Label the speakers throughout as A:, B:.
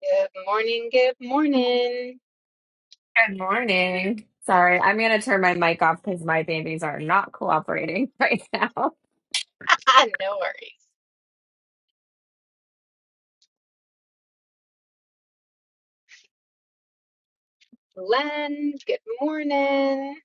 A: Good morning, good morning.
B: Good morning. Sorry, I'm going to turn my mic off because my babies are not cooperating right now.
A: no worries. Len, good morning.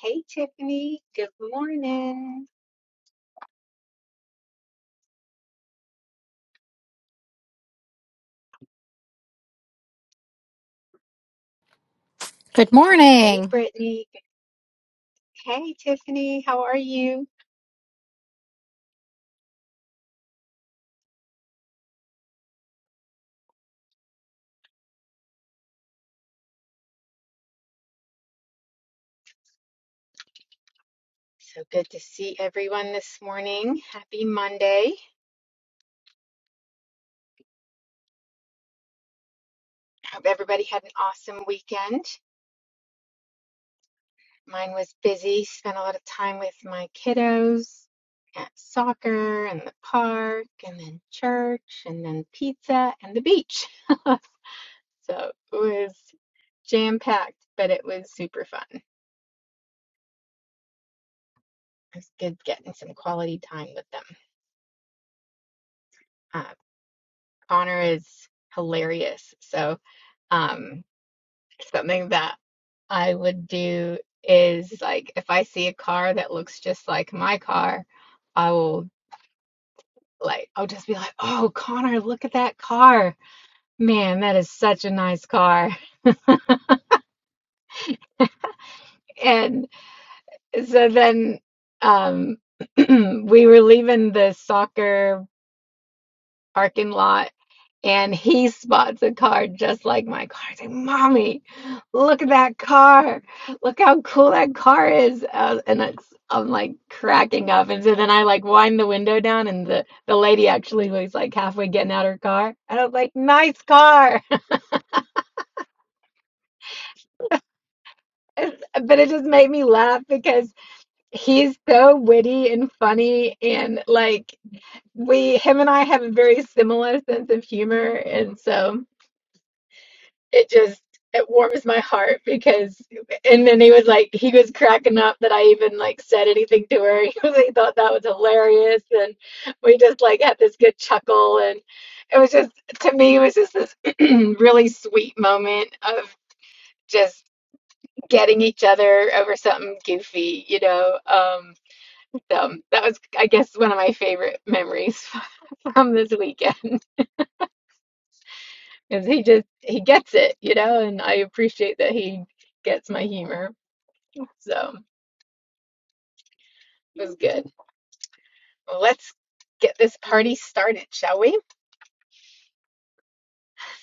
A: Hey, Tiffany, good morning.
C: Good
A: Hey,
C: morning.
A: Brittany. Hey, Tiffany, how are you? So good to see everyone this morning. Happy Monday. Hope everybody had an awesome weekend. Mine was busy, spent a lot of time with my kiddos at soccer and the park and then church and then pizza and the beach. So it was. jam-packed, but it was super fun. It was good getting some quality time with them. Uh, Connor is hilarious. So, um, something that I would do is like if I see a car that looks just like my car, I will like I'll just be like, "Oh, Connor, look at that car. Man, that is such a nice car." And so then um we were leaving the soccer parking lot And he spots a car just like my car. He's like, Mommy, look at that car. Look how cool that car is. Uh, and it's, I'm like cracking up. And so then I like wind the window down, and the, the lady actually was like halfway getting out her car. And I was like, Nice car. but it just made me laugh because he's so witty and funny. And like, we, him and I have a very similar sense of humor. And so. it just it warms my heart because and then he was like he was cracking up that I even like said anything to her. He was he thought that was hilarious and we just like had this good chuckle and it was just to me it was just this really sweet moment of just getting each other over something goofy, you know. Um so that was I guess one of my favorite memories from this weekend. Is he just he gets it, you know, and I appreciate that he gets my humor. So it was good. Well, Let's get this party started, shall we?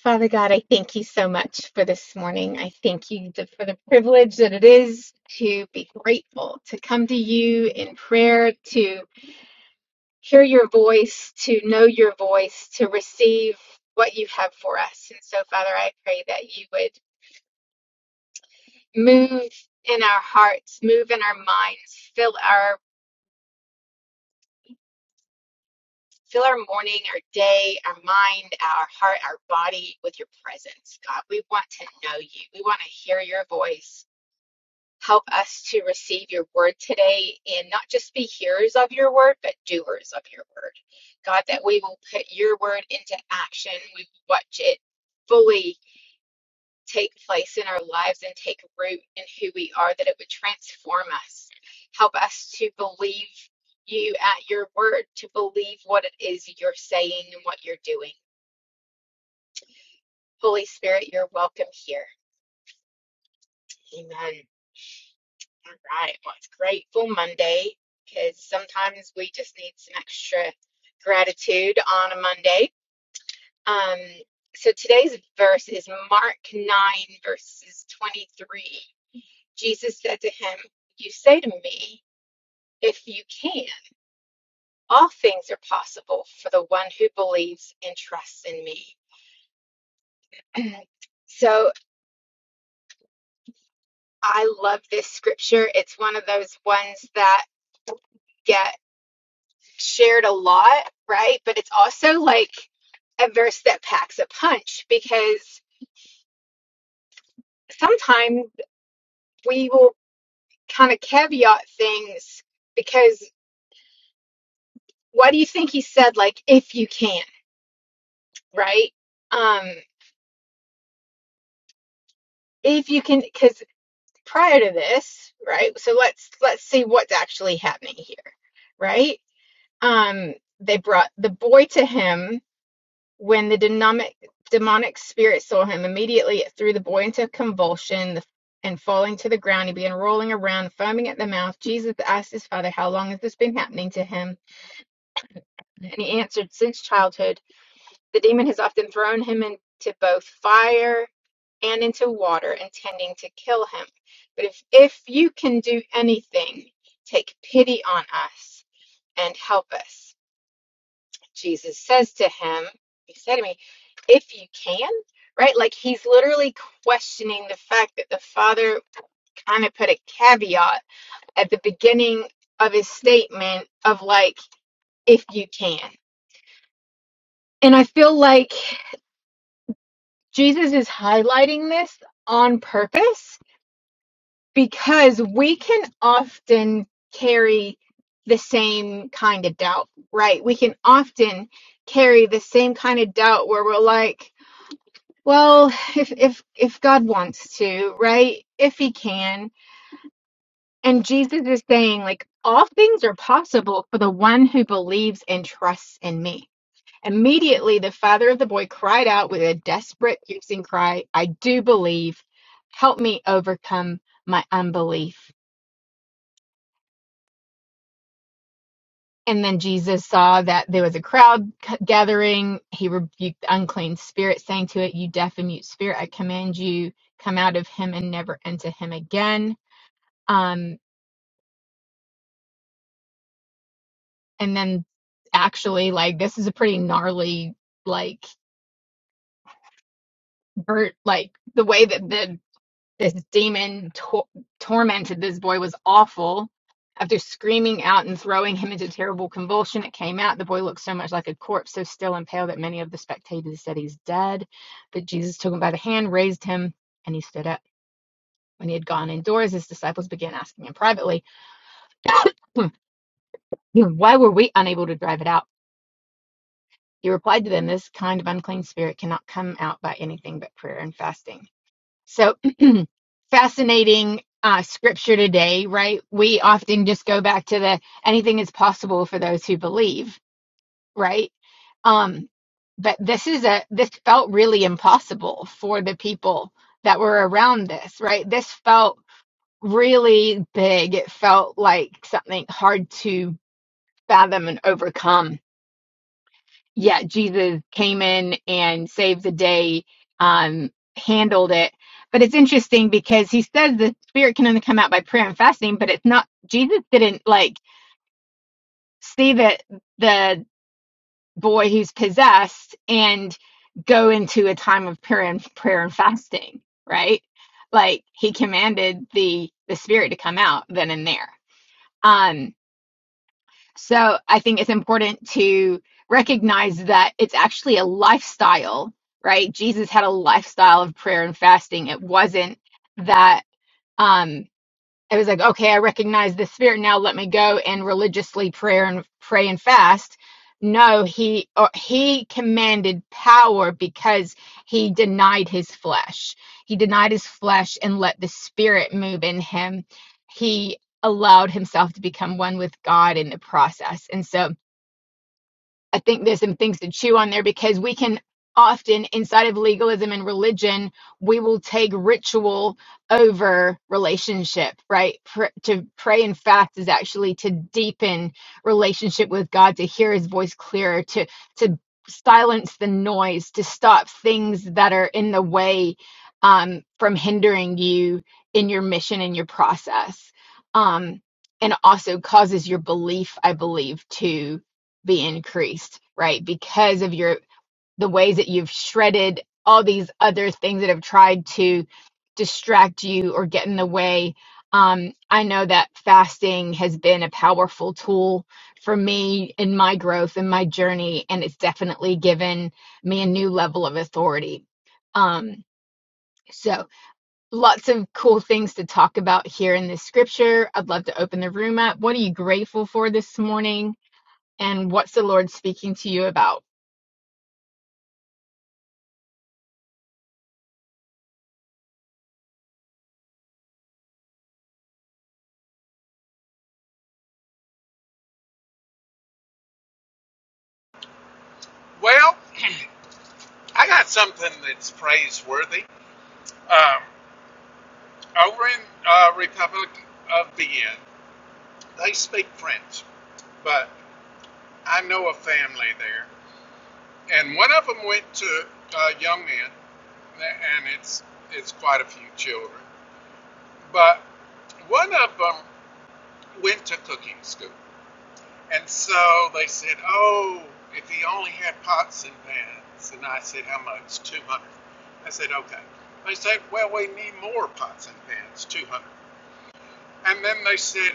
A: Father God, I thank you so much for this morning. I thank you th- for the privilege that it is to be grateful, to come to you in prayer, to hear your voice, to know your voice, to receive what you have for us. And so, Father, I pray that you would move in our hearts, move in our minds, fill our Fill our morning, our day, our mind, our heart, our body with your presence, God. We want to know you. We want to hear your voice. Help us to receive your word today and not just be hearers of your word, but doers of your word. God, that we will put your word into action. We will watch it fully take place in our lives and take root in who we are, that it would transform us. Help us to believe you at your word, to believe what it is you're saying and what you're doing. Holy Spirit, you're welcome here. Amen. All right. Well, it's Grateful Monday because sometimes we just need some extra gratitude on a Monday. Um, so today's verse is Mark 9, verses 23. Jesus said to him, You say to me, If you can, all things are possible for the one who believes and trusts in me. so I love this scripture. It's one of those ones that get shared a lot, right? But it's also like a verse that packs a punch because sometimes we will kind of caveat things because what do you think he said? Like, if you can, right? Um, if you can, because prior to this, right? So let's let's see what's actually happening here, right? Um, they brought the boy to him when the demonic demonic spirit saw him. Immediately it threw the boy into convulsion and falling to the ground, he began rolling around, foaming at the mouth. Jesus asked his father, "How long has this been happening to him?" And he answered, "Since childhood, the demon has often thrown him into both fire." and into water, intending to kill him. But if, if you can do anything, take pity on us and help us. Jesus says to him, He said to me, if you can, right? Like he's literally questioning the fact that the father kind of put a caveat at the beginning of his statement of like, if you can. And I feel like Jesus is highlighting this on purpose because we can often carry the same kind of doubt, right? We can often carry the same kind of doubt where we're like, well, if if if God wants to, right? If he can. And Jesus is saying like all things are possible for the one who believes and trusts in me. Immediately the father of the boy cried out with a desperate piercing cry, I do believe. Help me overcome my unbelief And then Jesus saw that there was a crowd gathering. He rebuked the unclean spirit, saying to it, You deaf and mute spirit, I command you, come out of him and never enter him again. Um, and then actually, like, this is a pretty gnarly, like, bird, like, the way that the This demon tor- tormented this boy was awful. After screaming out and throwing him into terrible convulsion, it came out. The boy looked so much like a corpse, so still and pale that many of the spectators said he's dead. But Jesus took him by the hand, raised him, and he stood up. When he had gone indoors, his disciples began asking him privately, "Hmm, hmm, Why were we unable to drive it out? He replied to them, This kind of unclean spirit cannot come out by anything but prayer and fasting. So fascinating uh, scripture today, right? We often just go back to the anything is possible for those who believe, right? Um, but this is a this felt really impossible for the people that were around this, right? This felt really big. It felt like something hard to fathom and overcome yeah, Jesus came in and saved the day, um, handled it. But it's interesting because he says the spirit can only come out by prayer and fasting, but it's not, Jesus didn't like see that the boy who's possessed and go into a time of prayer and prayer and fasting, right? Like he commanded the the spirit to come out then and there. Um. So I think it's important to recognize that it's actually a lifestyle, right? Jesus had a lifestyle of prayer and fasting. It wasn't that um it was like, okay, I recognize the spirit now. Let me go and religiously prayer and pray and fast. No, he or he commanded power because he denied his flesh. He denied his flesh and let the spirit move in him. He allowed himself to become one with God in the process. And so I think there's some things to chew on there because we can often, inside of legalism and religion, we will take ritual over relationship, right? Pr- to pray and fast is actually to deepen relationship with God, to hear his voice clearer, to, to silence the noise, to stop things that are in the way um, from hindering you in your mission and your process. Um, and also causes your belief, I believe, to be increased, right? Because of your the ways that you've shredded all these other things that have tried to distract you or get in the way. Um, I know that fasting has been a powerful tool for me in my growth and my journey, and it's definitely given me a new level of authority. Um, so, lots of cool things to talk about here in this scripture. I'd love to open the room up. What are you grateful for this morning? And what's the Lord speaking to you about?
D: Well, I got something that's praiseworthy. Um, over in uh, Republic of Vienna, they speak French, but I know a family there, and one of them went to a young man, and it's it's quite a few children, but one of them went to cooking school, And so they said, oh, if he only had pots and pans. And I said, how much? 200. I said, okay. They said, well, we need more pots and pans, 200. And then they said,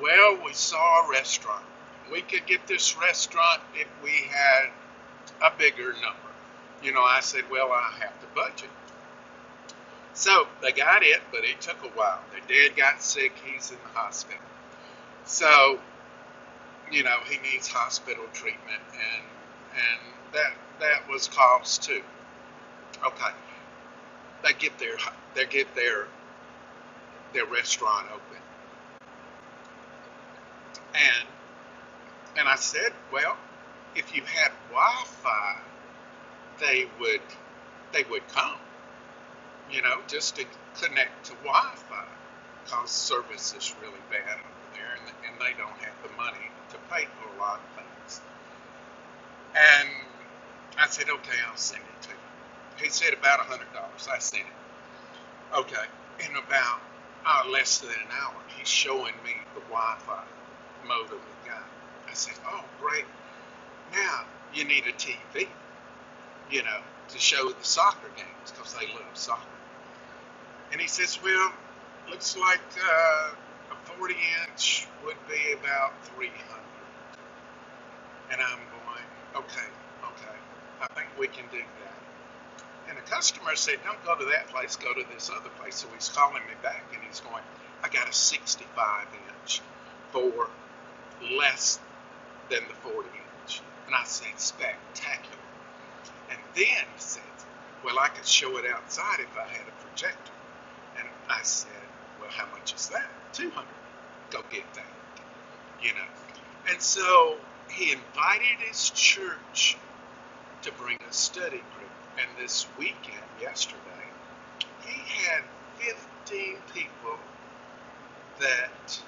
D: well, we saw a restaurant. We could get this restaurant if we had a bigger number. You know, I said, well, I have to budget. So they got it, but it took a while. Their dad got sick. He's in the hospital. So you know, he needs hospital treatment, and and that that was caused too. Okay, they get their they get their their restaurant open, and and I said, well, if you had Wi-Fi, they would they would come, you know, just to connect to Wi-Fi, cause service is really bad over there, and, and they don't have the money to pay for a lot of things. And I said, okay, I'll send it to you. He said about a hundred dollars. I sent it. Okay. In about uh, less than an hour, he's showing me the Wi-Fi modem he got. I said, oh great. Now you need a TV, you know, to show the soccer games because they love soccer. And he says, well, looks like uh, a 40 inch would be about 300. And I'm going, okay, okay. I think we can do that. And the customer said, Don't go to that place, go to this other place. So he's calling me back and he's going, I got a 65 inch for less than the 40 inch. And I said, Spectacular. And then he said, Well, I could show it outside if I had a projector. And I said, Well, how much is that? 200. Go get that, you know. And so he invited his church to bring a study group. And this weekend, yesterday, he had 15 people that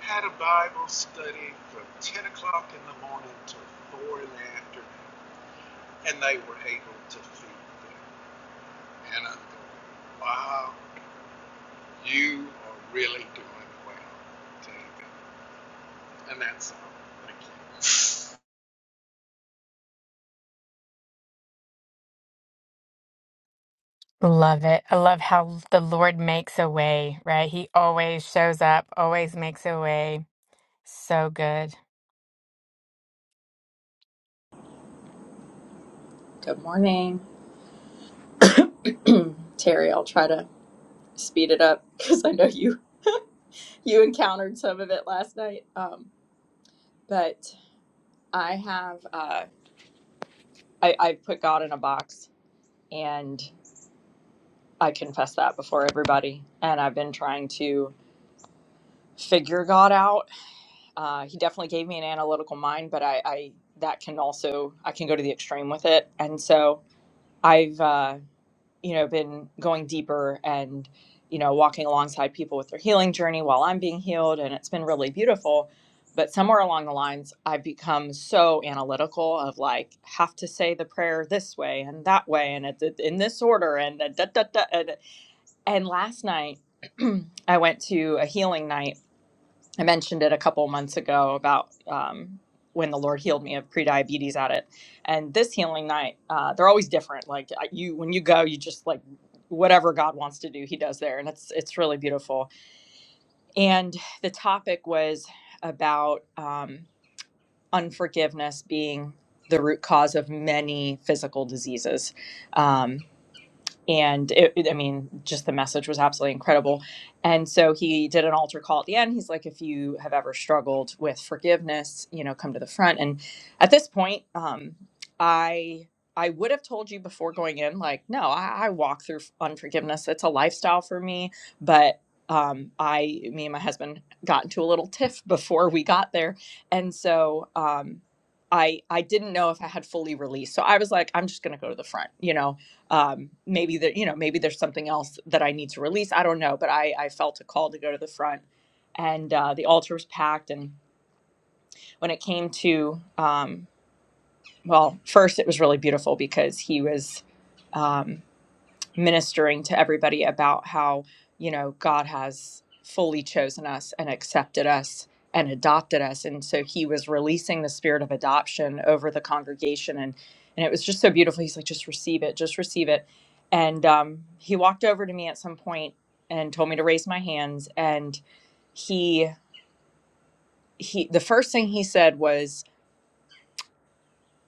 D: had a Bible study from 10 o'clock in the morning to 4 in the afternoon, and they were able to feed them. And I'm going, wow, you are really doing well, David. And that's all. Thank you.
A: Love it. I love how the Lord makes a way, right? He always shows up, always makes a way. So good.
E: Good morning, Terry. I'll try to speed it up because I know you you encountered some of it last night. Um, but I have uh, I I put God in a box, and I confess that before everybody. And I've been trying to figure God out. Uh, he definitely gave me an analytical mind, but I, I that can also I can go to the extreme with it, and so I've uh, you know been going deeper and you know walking alongside people with their healing journey while i'm being healed and it's been really beautiful but somewhere along the lines i've become so analytical of like have to say the prayer this way and that way and it- in this order and da, da, da, da, and, and last night i went to a healing night I mentioned it a couple months ago about um, when the Lord healed me of prediabetes at it, and this healing night, uh, they're always different. Like I- you, when you go, you just like whatever God wants to do, He does there, and it's it's really beautiful. And the topic was about um, unforgiveness being the root cause of many physical diseases. Um, and it, it- I mean, just the message was absolutely incredible. And so he did an altar call at the end. He's like, if you have ever struggled with forgiveness, you know, come to the front. And at this point, um, I I would have told you before going in, like, no, I, I walk through unforgiveness. It's a lifestyle for me. But um, I, me and my husband got into a little tiff before we got there, and so um, I I didn't know if I had fully released. So I was like, I'm just going to go to the front, you know um, maybe that you know, maybe there's something else that I need to release. I don't know, but I, I felt a call to go to the front, and uh, the altar was packed. And when it came to, um, well, first it was really beautiful because he was. um, ministering to everybody about how, you know, God has fully chosen us and accepted us and adopted us. And so he was releasing the spirit of adoption over the congregation. And, and it was just so beautiful. He's like, just receive it, just receive it. And um, he walked over to me at some point and told me to raise my hands. And he, he, the first thing he said was,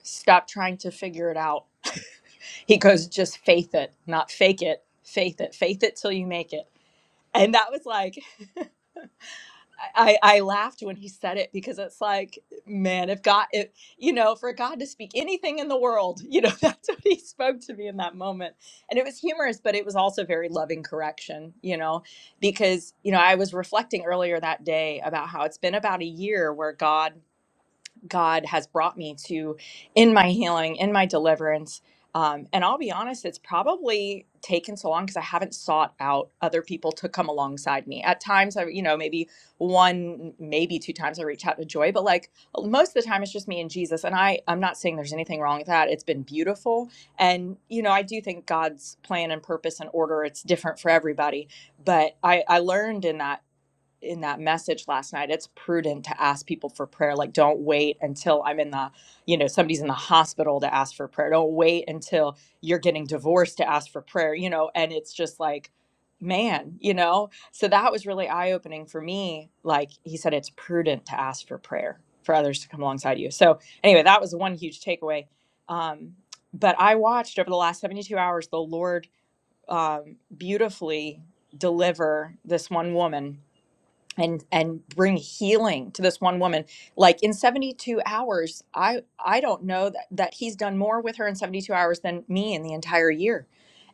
E: stop trying to figure it out. He goes, just faith it, not fake it, faith it, faith it till you make it. And that was like, I, I laughed when he said it because it's like, man, if God, if, you know, for God to speak anything in the world, you know, that's what he spoke to me in that moment. And it was humorous, but it was also very loving correction, you know, because, you know, I was reflecting earlier that day about how it's been about a year where God God has brought me to in my healing, in my deliverance. Um, and I'll be honest, it's probably taken so long because I haven't sought out other people to come alongside me. At times, I, you know, maybe one, maybe two times I reach out to Joy, but like most of the time, it's just me and Jesus. And I, I'm not saying there's anything wrong with that. It's been beautiful, and you know, I do think God's plan and purpose and order it's different for everybody. But I, I learned in that in that message last night it's prudent to ask people for prayer like don't wait until i'm in the you know somebody's in the hospital to ask for prayer don't wait until you're getting divorced to ask for prayer you know and it's just like man you know so that was really eye opening for me like he said it's prudent to ask for prayer for others to come alongside you so anyway that was one huge takeaway um but i watched over the last 72 hours the lord um beautifully deliver this one woman and and bring healing to this one woman like in 72 hours i i don't know that that he's done more with her in 72 hours than me in the entire year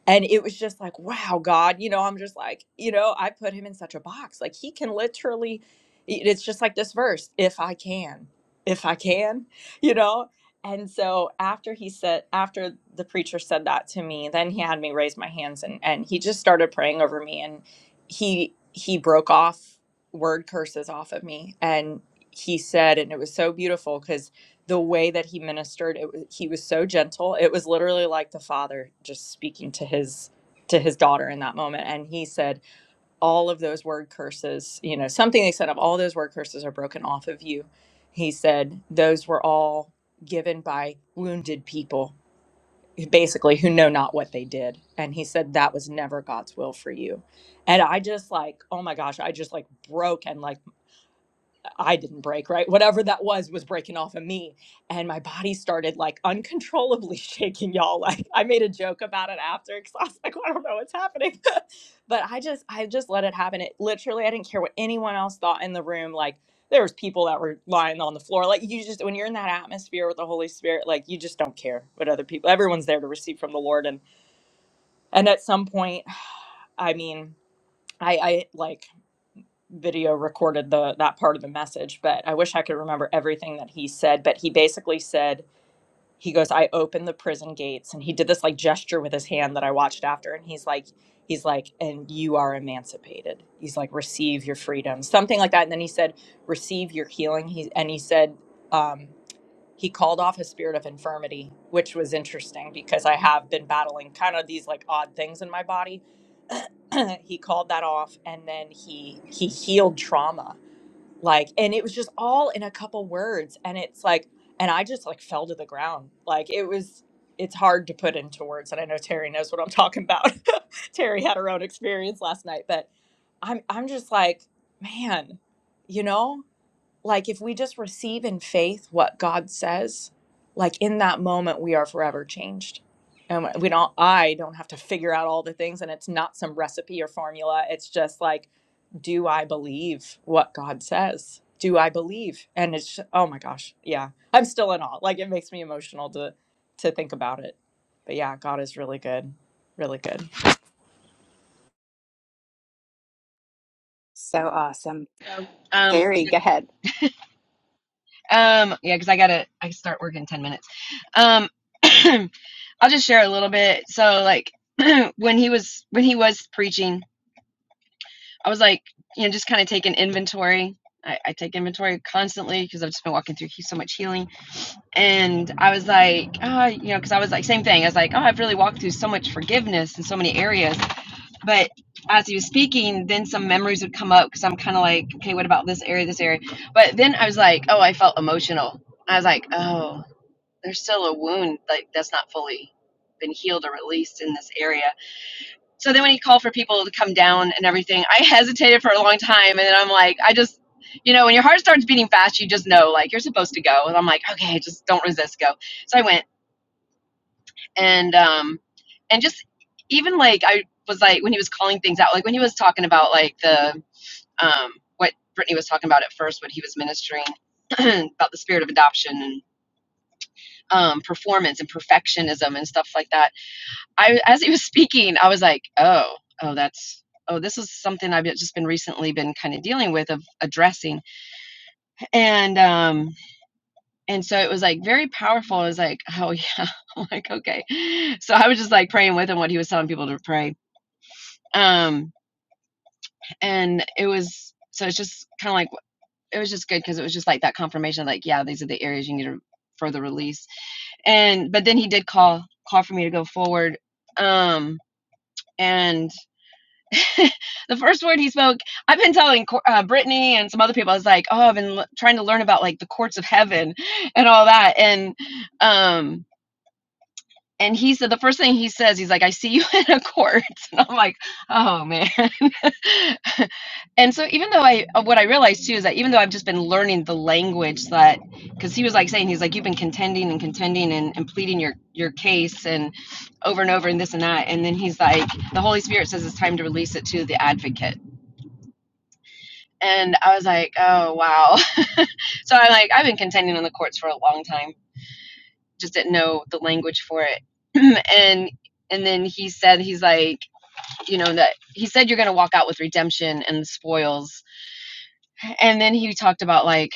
E: and it was just like, wow, God, you know, I'm just like, you know, I put him in such a box. Like he can literally, it- it's just like this verse, if I can, if I can, you know. And so after he said, after the preacher said that to me, then he had me raise my hands and and he just started praying over me and he he broke off word curses off of me and he said, and it was so beautiful because the way that he ministered it, wa- he was so gentle it was literally like the father just speaking to his to his daughter in that moment and he said all of those word curses you know something they said of all those word curses are broken off of you he said those were all given by wounded people basically who know not what they did and he said that was never god's will for you and i just like oh my gosh i just like broke and like I didn't break, right? Whatever that was was breaking off of me. And my body started like uncontrollably shaking, y'all. Like I made a joke about it after because I was like, "Well, I don't know what's happening. but I just, I just let it happen. It literally, I didn't care what anyone else thought in the room. Like there was people that were lying on the floor. Like you just when you're in that atmosphere with the Holy Spirit, like you just don't care what other people everyone's there to receive from the Lord. And and at some point, I mean, I, I like video recorded the that part of the message, but I wish I could remember everything that he said. But he basically said, he goes, I opened the prison gates and he did this like gesture with his hand that I watched after and he's like he's like, and you are emancipated. He's like, receive your freedom. Something like that. And then he said, receive your healing. He and he said, um, he called off his spirit of infirmity, which was interesting because I have been battling kind of these like odd things in my body. he called that off and then he he healed trauma like and it was just all in a couple words and it's like and i just like fell to the ground like it was it's hard to put into words and i know terry knows what i'm talking about terry had her own experience last night but i'm i'm just like man you know like if we just receive in faith what God says, like in that moment we are forever changed. And we don't I don't have to figure out all the things and it's not some recipe or formula. It's just like do I believe what God says? Do I believe? And it's ju- oh my gosh, yeah. I'm still in awe. Like it makes me emotional to to think about it. But yeah, God is really good. Really good.
A: So awesome.
F: Um,
A: Terry, go ahead.
F: um, yeah, because I gotta, I start work in ten minutes. Um, I'll just share a little bit. So, like, when he was when he was preaching, I was like, you know, just kind of taking inventory. I, I take inventory constantly because I've just been walking through so much healing, and I was like, ah, you know, because I was like, same thing. I was like, oh, I've really walked through so much forgiveness in so many areas but as he was speaking, then some memories would come up because I'm kind of like, okay, what about this area, this area? But then I was like, oh, I felt emotional. I was like, oh, there's still a wound like that's not fully been healed or released in this area. So then when he called for people to come down and everything, I hesitated for a long time, and then I'm like, I just, you know, when your heart starts beating fast, you just know like you're supposed to go, and I'm like, okay, just don't resist, go. So I went, and um and just even like I was like when he was calling things out, like when he was talking about like the um what Brittany was talking about at first, what he was ministering about the spirit of adoption and um performance and perfectionism and stuff like that. I as he was speaking, I was like, oh, oh that's oh this is something I've just been recently been kind of dealing with of addressing. And um and so it was like very powerful. I was like, oh yeah, I'm like okay. So I was just like praying with him what he was telling people to pray um and it was so it's just kind of like it was just good because it was just like that confirmation of like yeah these are the areas you need to further release and but then he did call call for me to go forward um and the first word he spoke i've been telling uh, brittany and some other people i was like oh i've been l- trying to learn about like the courts of heaven and all that and um and he said the first thing he says he's like i see you in a court and i'm like oh man and so even though i uh, what i realized too is that even though i've just been learning the language that because he was like saying he's like you've been contending and contending and, and pleading your your case and over and over and this and that and then he's like the holy spirit says it's time to release it to the advocate and i was like oh wow so i'm like i've been contending on the courts for a long time just didn't know the language for it and and then he said he's like you know that he said you're going to walk out with redemption and the spoils and then he talked about like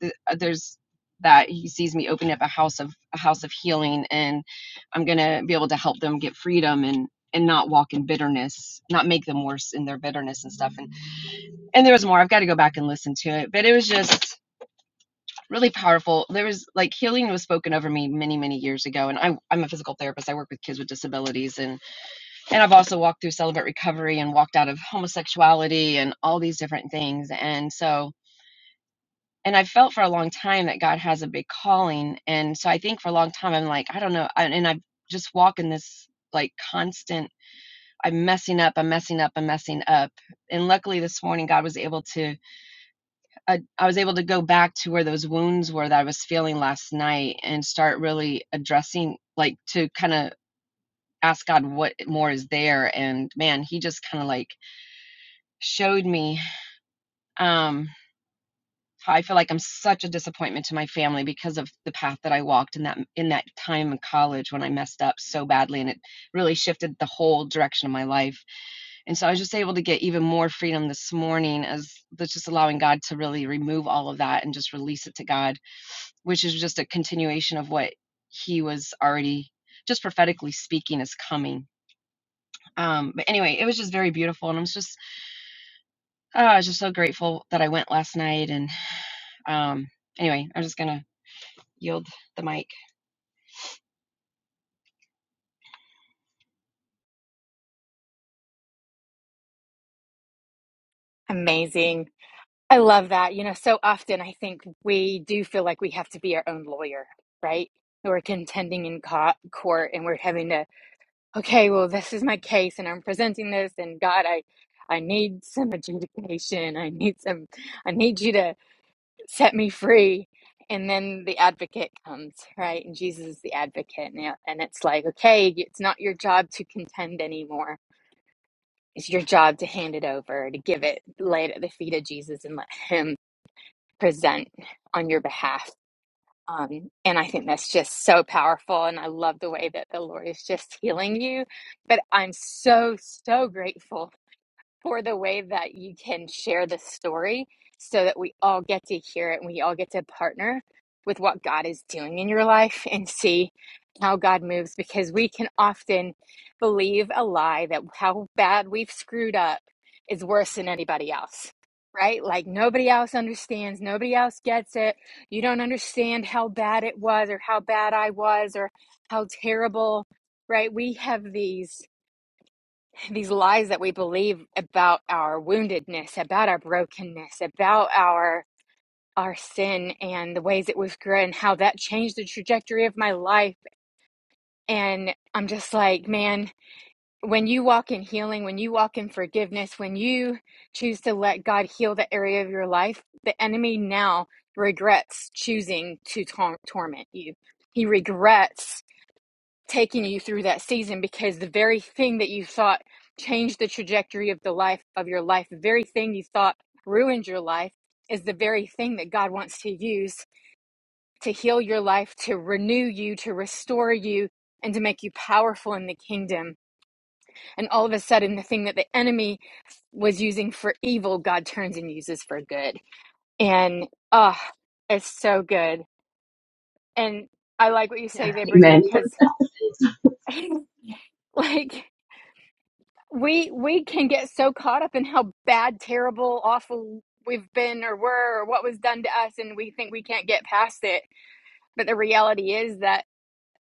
F: th- uh, there's that he sees me opening up a house of a house of healing and i'm going to be able to help them get freedom and and not walk in bitterness not make them worse in their bitterness and stuff and and there was more i've got to go back and listen to it but it was just really powerful there was like healing was spoken over me many many years ago and I, i'm a physical therapist i work with kids with disabilities and and i've also walked through celebrate recovery and walked out of homosexuality and all these different things and so and I've felt for a long time that God has a big calling. And so I think for a long time, I'm like, I don't know. And I just walk in this like constant, I'm messing up, I'm messing up, I'm messing up. And luckily this morning, God was able to, I, I was able to go back to where those wounds were that I was feeling last night and start really addressing, like to kind of ask God what more is there. And man, he just kind of like showed me. Um, I feel like I'm such a disappointment to my family because of the path that I walked in that in that time in college when I messed up so badly and it really shifted the whole direction of my life. And so I was just able to get even more freedom this morning as that's just allowing God to really remove all of that and just release it to God, which is just a continuation of what he was already just prophetically speaking is coming. Um, but anyway, it was just very beautiful and I'm just oh, I was just so grateful that I went last night and um anyway, I'm just gonna yield the mic.
A: Amazing. I love that. You know, so often I think we do feel like we have to be our own lawyer, right? We're contending in co- court and we're having to, okay, well, this is my case and I'm presenting this and God, I I need some adjudication. I need some I need you to set me free and then the advocate comes right and jesus is the advocate and, and it's like okay it's not your job to contend anymore it's your job to hand it over to give it lay it at the feet of jesus and let him present on your behalf um, and i think that's just so powerful and i love the way that the lord is just healing you but i'm so so grateful for the way that you can share the story so that we all get to hear it and we all get to partner with what God is doing in your life and see how God moves because we can often believe a lie that how bad we've screwed up is worse than anybody else. Right? Like nobody else understands, nobody else gets it. You don't understand how bad it was or how bad I was or how terrible right? We have these these lies that we believe about our about our broken, about our our and and that trajectory of my life. And I'm just like, man, when you walk in healing, when you walk in forgiveness, when you choose to let God heal the area of your life, the enemy now regrets choosing to tor- torment you. He regrets taking you through that season because the very thing that you thought changed the trajectory of the life of your life, the very thing you thought ruined your life is the very thing that God wants to use to heal your life, to renew you, to restore you, and to make you powerful in the kingdom. And all of a sudden, the thing that the enemy was using for evil, God turns and uses for good. And ah, it's so good. And I like what you say
F: Yeah.
A: there,
F: Amen.
A: Brittany, because like we we can get so caught up in how bad, terrible, awful we've been or were or what was done to us and we think we can't get past it but the reality is that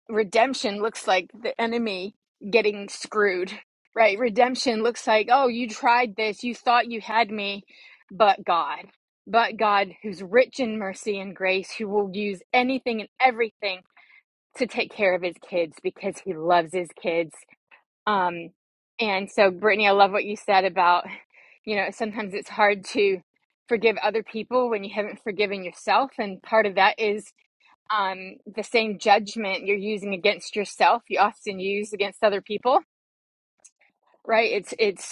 A: redemption looks like the enemy getting screwed, right? Redemption looks like, oh, you tried this, you thought you had me, but God, but God, who's rich in mercy and grace, who will use anything and everything to take care of his kids because he loves his kids. Um, and so, Brittany, I love what you said about, you know, so to forgive other people when you haven't forgiven yourself and is um the same you're using against yourself you also against other people right it's it's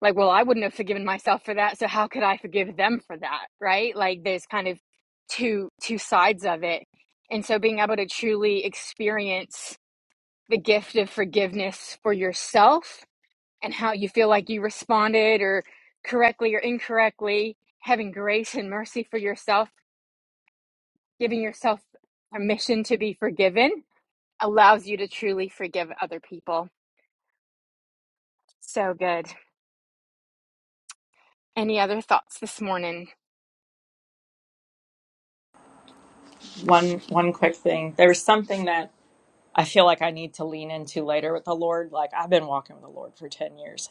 A: like, well, I wouldn't have forgiven myself for that, so how could I forgive them for that, right? Like there's kind of two two sides of it. And so being able to truly experience the gift of forgiveness for yourself and how you feel like you responded or correctly or incorrectly, having grace and mercy for yourself, giving yourself permission to be forgiven allows you to truly forgive other people. Said any other thoughts this morning?
E: One one quick thing. There was something that I feel like I need to lean into later with the Lord. Like I've been walking with the Lord for 10 years,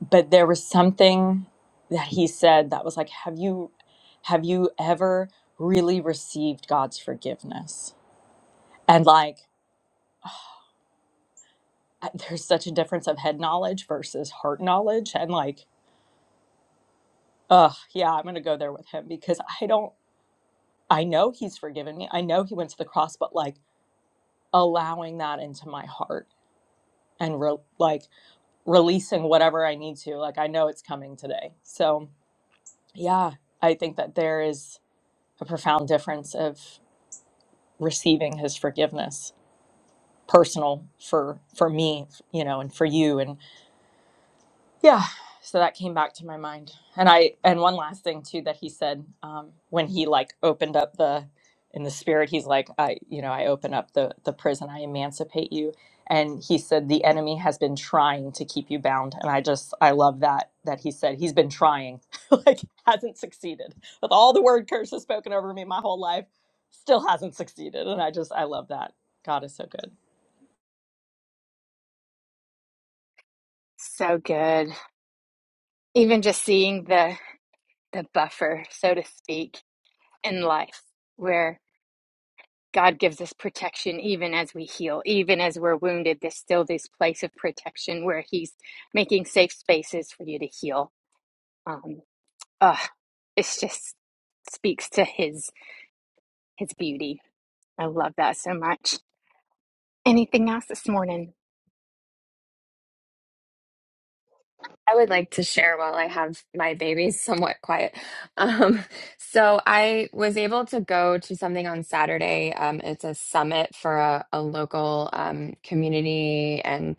E: but there was something that he said that was like, have you have you ever really received God's forgiveness? And like I- there's such a difference of head knowledge versus heart knowledge and like, ugh, yeah, I'm going to go there with him because I don't I know he's forgiven me. I know he went to the cross, but like allowing that into my heart and re- like releasing whatever I need to. Like I know it's coming today. So, yeah, I think that there is a profound difference of receiving his forgiveness, personal for for me, you know, and for you and. yeah so that came back to my mind and i and one last thing too that he said um, when he like opened up the in the spirit he's like i you know i open up the the prison i emancipate you and he said the enemy has been trying to keep you bound and i just i love that that he said he's been trying like hasn't succeeded with all the word curses spoken over me my whole life still hasn't succeeded and i just i love that god is so good
A: So good. Even just seeing the the buffer, so to speak, in life, where God gives us protection even as we heal, even as we're wounded. There's still this place of protection where He's making safe spaces for you to heal. Um, ugh, it's just speaks to His His beauty. I love that so much. Anything else this morning?
B: I would like to share while I have my babies somewhat quiet. Um, so I was able to go to something on Saturday. Um, it's a summit for a, a local um, community and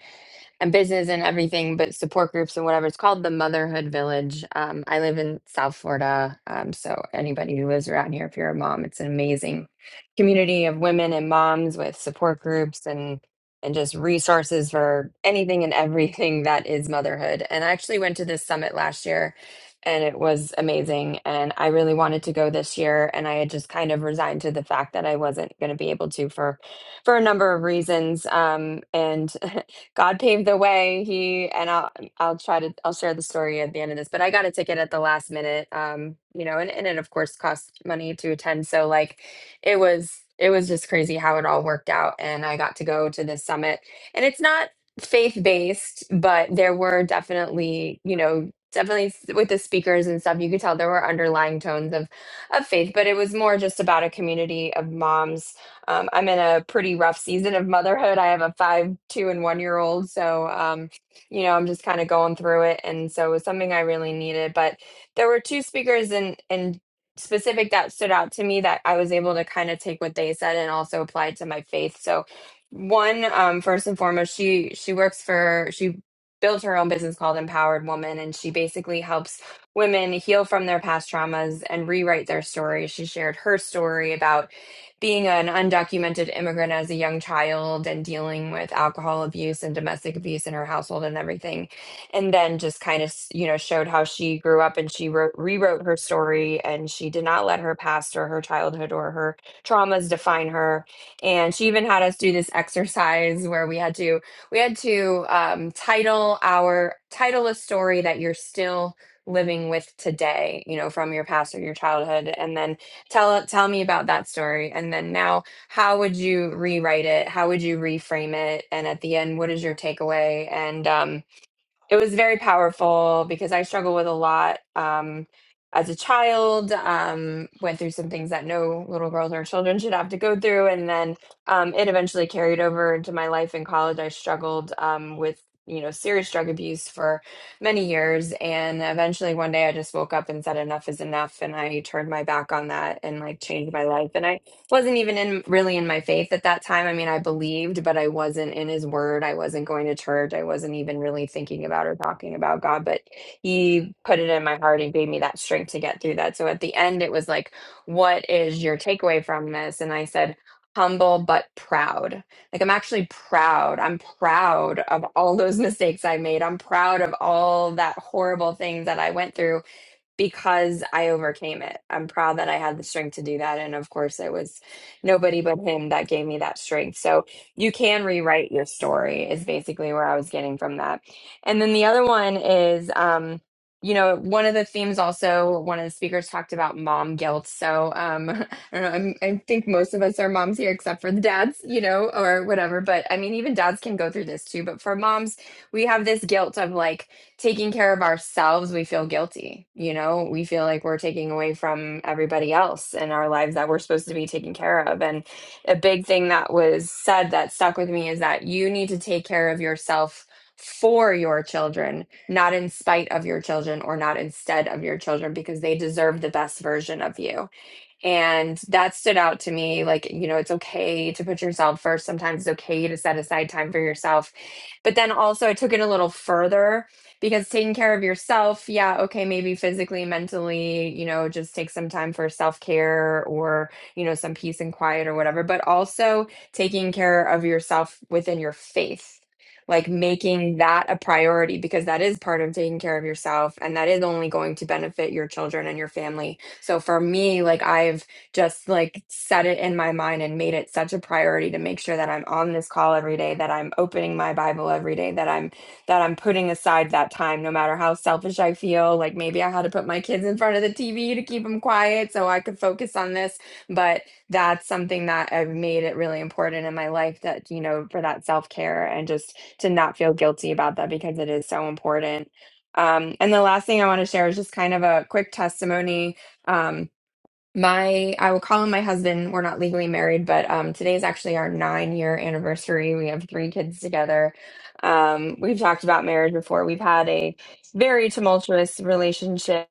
B: and business and everything, but support groups and whatever. It's called the Motherhood Village. Um, I live in South Florida, um, so anybody who lives around here, if you're a mom, it's an amazing community of women and moms with support groups and and just resources for anything and everything that is motherhood. And I actually went to this summit last year and it was amazing. And I really wanted to go this year. And I had just kind of resigned to the fact that I wasn't going to be able to for, for a number of reasons. Um, and God paved the way. He, and I'll, I'll try to, I'll share the story at the end of this, but I got a ticket at the last minute. Um, you know, and, and it of course costs money to attend. So like, it was it was just crazy how it all worked out and i got to go to this summit and it's not faith based but there were definitely you know definitely s- with the speakers and stuff you could tell there were underlying tones of of faith but it was more just about a community of moms um, i'm in a pretty rough season of motherhood i have a five two and one year old so um, you know i'm just kind of going through it and so it was something i really needed but there were two speakers in in specific that stood out to me that I was able to kind of take what they said and also apply it to my faith. So one, um, first and foremost, she she works for she built her own business called Empowered Woman and she basically helps women heal from their past traumas and rewrite their story. She shared her story about being an undocumented immigrant as a young child and dealing with alcohol abuse and domestic abuse in her household and everything and then just kind of you know showed how she grew up and she wrote rewrote her story and she did not let her past or her childhood or her traumas define her and she even had us do this exercise where we had to we had to um, title our title a story that you're still living with today you know from your past or your childhood and then tell tell me about that story and then now how would you rewrite it how would you reframe it and at the end what is your takeaway and um it was very powerful because I struggle with a lot um, as a child. Um, went through some things that no little girls or children should have to go through, and then um, it eventually carried over into my life in college. I struggled um, with you know serious drug abuse for many years, and eventually one day I just woke up and said enough is enough, and I turned my back on that and like changed my life. And I wasn't even in really in my faith at that time. I mean, I believed, but I wasn't in his word. I wasn't going to church. I wasn't even really thinking about or talking about God, but he put it in my heart and gave me that strength to get through that. So at the end it was like, what is your takeaway from this? And I said, humble but proud. Like I'm actually proud. I'm proud of all those mistakes I made. I'm proud of all that horrible things that I went through because I overcame it. I'm proud that I had the strength to do that. And of course, it was nobody but him that gave me that strength. So you can rewrite your story, is basically where I was getting from that. And then the other one is, um, you know, one of the themes also, one of the speakers talked about mom guilt. So um, I don't know, I'm, I think most of us are moms here, except for the dads, you know, or whatever. But I mean, even dads can go through this too. But for moms, we have this guilt of like, taking care of ourselves, we feel guilty. You know, we feel like we're taking away from everybody else in our lives that we're supposed to be taking care of. And a big thing that was said that stuck with me is that you need to take care of yourself for your children, not in spite of your children or not instead of your children, because they deserve the best version of you and that stood out to me. Like, you know, it's okay to put yourself first. Sometimes it's okay to set aside time for yourself. But then also, I took it a little further because taking care of yourself, yeah, okay, maybe physically, mentally, you know, just take some time for self care or, you know, some peace and quiet or whatever, but also taking care of yourself within your faith. Like making that a priority because that is part of taking care of yourself and that is only going to benefit your children and your family so for me, like I've just like set it in my mind and made it such a priority to make sure that I'm on this call every day, that I'm opening my Bible every day, that I'm that I'm putting aside that time no matter how selfish I feel. Like maybe I had to put my kids in front of the TV to keep them quiet so I could focus on this, but that's something that I've made it really important in my life that, you know, for that self-care and just to not feel guilty about that because it is so important. Um, and the last thing I want to share is just kind of a quick testimony um, my I will call him my husband. We're not legally married, but um, today is actually our nine year anniversary. We have three kids together. Um, we've talked about marriage before. We've had a very tumultuous relationship.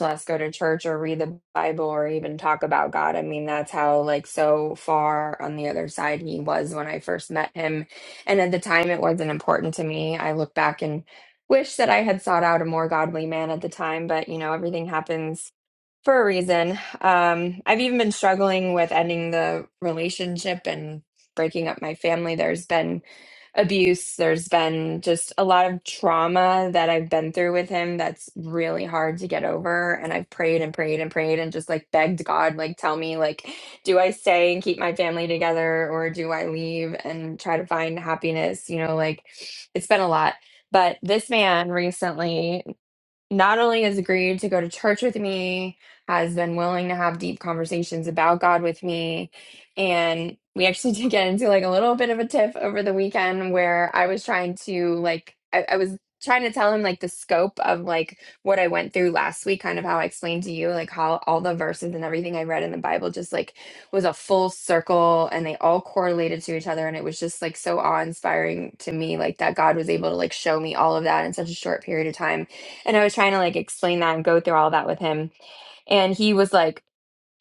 B: Let's go to church or read the Bible or even talk about God. I mean, that's how like so far on the other side he was when I first met him. And at the time, it wasn't important to me. I look back and wish that I had sought out a more godly man at the time, but you know, everything happens for a reason. Um, I've even been struggling with ending the relationship and breaking up my family. There's been abuse, there's been just a lot of trauma that I've been through with him that's really hard to get over. And I've prayed and prayed and prayed and just like begged God, like, tell me, like, do I stay and keep my family together or do I leave and try to find happiness? You know, like, it's been a lot. But this man recently not only has agreed to go to church with me, has been willing to have deep conversations about God with me. And we actually did get into like a little bit of a tiff over the weekend where I was trying to like, I, I was trying to tell him like the scope of like what I went through last week, kind of how I explained to you, like how all the verses and everything I read in the Bible just like was a full circle and they all correlated to each other. And it was just like so awe inspiring to me, like that God was able to like show me all of that in such a short period of time and I was trying to like explain that and go through all that with him. And he was like,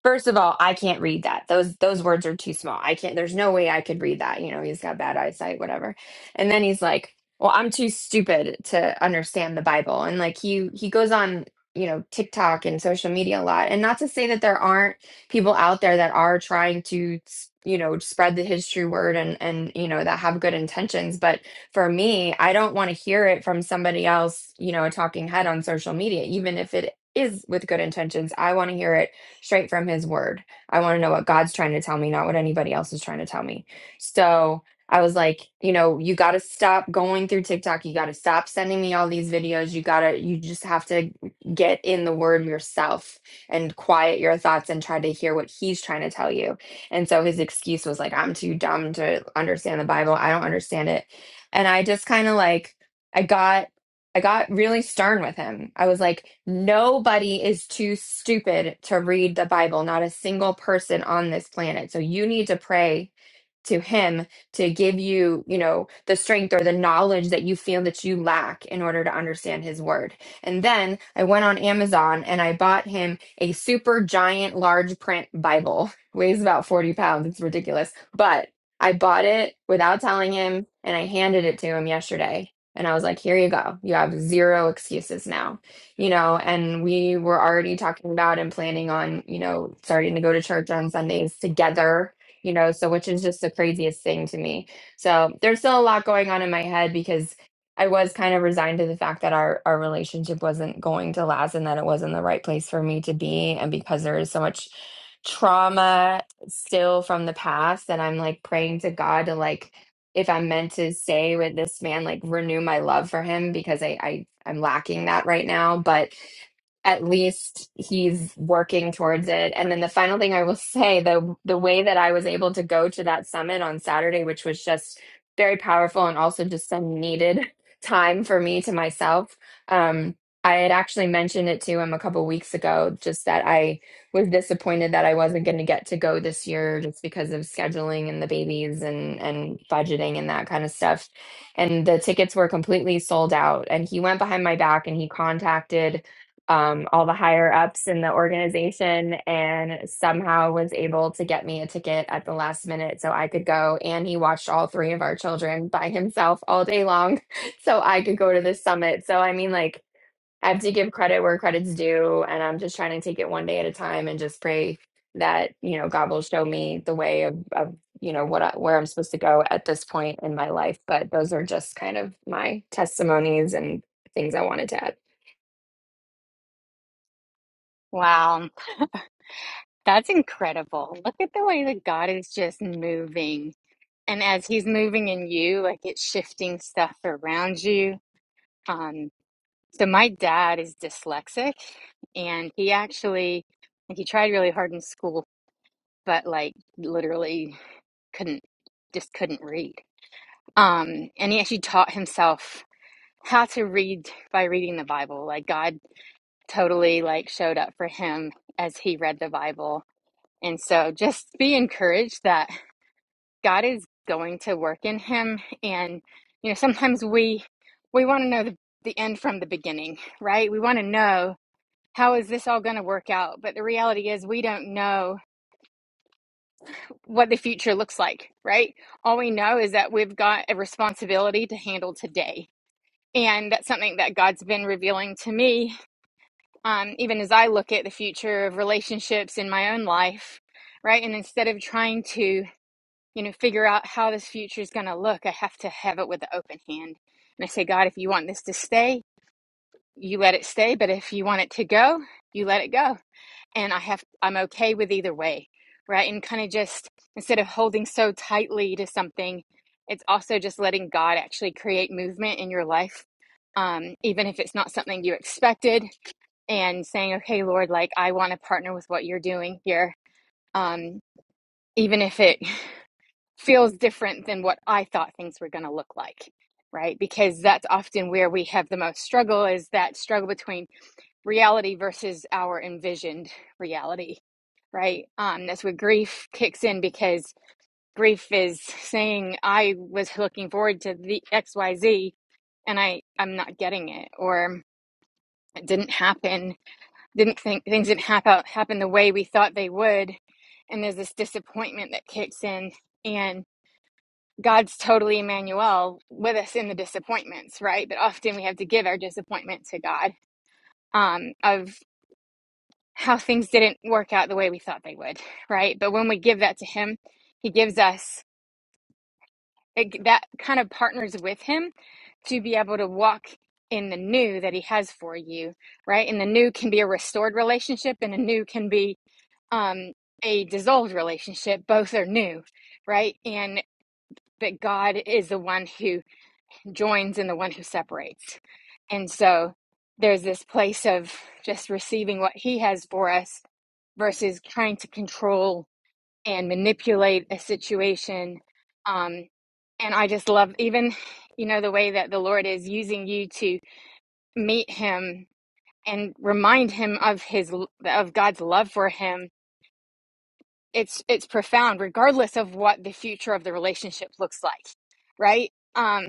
B: First of all, I can't read that. Those those words are too small. I can't there's no way I could read that. You know, he's got bad eyesight, whatever. And then he's like, Well, I'm too stupid to understand the Bible. And like he he goes on, you know, TikTok and social media a lot. And not to say that there aren't people out there that are trying to s- you know spread the his true word and and you know that have good intentions but for me i don't want to hear it from somebody else you know a talking head on social media even if it is with good intentions i want to hear it straight from his word. I want to know what God's trying to tell me, not what anybody else is trying to tell me. So I was like, you know, you got to stop going through TikTok. You got to stop sending me all these videos. You got to, you just have to get in the word yourself and quiet your thoughts and try to hear what he's trying to tell you. And so his excuse was like, I'm too dumb to understand the Bible. I don't understand it. And I just kind of like, I got I got really stern with him. I was like, nobody is too stupid to read the Bible, not a single person on this planet. So you need to pray to him to give you, you know, the strength or the knowledge that you feel that you lack in order to understand his word. And then I went on Amazon and I bought him a super giant large print Bible. Weighs about 40 pounds. It's ridiculous. But I bought it without telling him and I handed it to him yesterday and I was like, here you go. You have zero excuses now, you know. And we were already talking about and planning on, you know, starting to go to church on Sundays together, you know, so which is just the craziest thing to me. So there's still a lot going on in my head because I was kind of resigned to the fact that our, our relationship wasn't going to last and that it wasn't the right place for me to be. And because there is so much trauma still from the past, that I'm like praying to God to like, if I'm meant to stay with this man, like renew my love for him because I, I I'm lacking that right now. But at least he's working towards it. And then the final thing I will say, the the way that I was able to go to that summit on Saturday, which was just very powerful and also just some needed time for me to myself. Um, I had actually mentioned it to him a couple weeks ago, just that I was disappointed that I wasn't going to get to go this year just because of scheduling and the babies and and budgeting and that kind of stuff. And the tickets were completely sold out. And he went behind my back and he contacted um, all the higher ups in the organization and somehow was able to get me a ticket at the last minute so I could go. And he watched all three of our children by himself all day long so I could go to this summit. So, I mean, like, I have to give credit where credit's due. And I'm just trying to take it one day at a time and just pray that, you know, God will show me the way of, of you know, what I, where I'm supposed to go at this point in my life. But those are just kind of my testimonies and things I wanted to add.
A: Wow, that's incredible. Look at the way that God is just moving. And as he's moving in you, like it's shifting stuff around you. Um, So my dad is dyslexic and he actually like he tried really hard in school but like literally couldn't just couldn't read. Um and he actually taught himself how to read by reading the Bible. Like God totally like showed up for him as he read the Bible. And so just be encouraged that God is going to work in him and you know sometimes we we want to know the, the end from the beginning, right? We want to know how is this all going to work out? But the reality is, we don't know what the future looks like, right? All we know is that we've got a responsibility to handle today. And that's something that God's been revealing to me, um, even as I look at the future of relationships in my own life, right? And instead of trying to, you know, figure out how this future is going to look, I have to have it with an open hand. And I say, God, if you want this to stay, you let it stay. But if you want it to go, you let it go and I have I'm okay with either way, right? And kind of just instead of holding so tightly to something, it's also just letting God create movement in your life. Um, expected and like I want to partner with what you're doing here. Um, even if it feels different than what I thought things were going to look like, right? Because that's often where we have the most struggle is that struggle between reality versus our envisioned reality, right? Um, that's where grief kicks in because grief is saying i was looking forward to the xyz and i i'm not getting it or it didn't happen didn't think things didn't happen happen the way we thought they would and there's this disappointment that kicks in and god's totally emmanuel with us in the disappointments right but often we have to give our disappointment to god um of how things didn't work out the way we thought they would right but when we give that to him he gives us it, that kind of partners with him to be able to walk in the new that he has for you right and the new can be a restored relationship and a new can be um a dissolved relationship both are new right and but god is the one who joins and the one who separates and so there's this place of just receiving what he has for us versus trying to control and manipulate a situation um and i just love even you know that the Lord is using you to me and remind him of his of God's love for him it's it's profound of what the future of the relationship looks like right um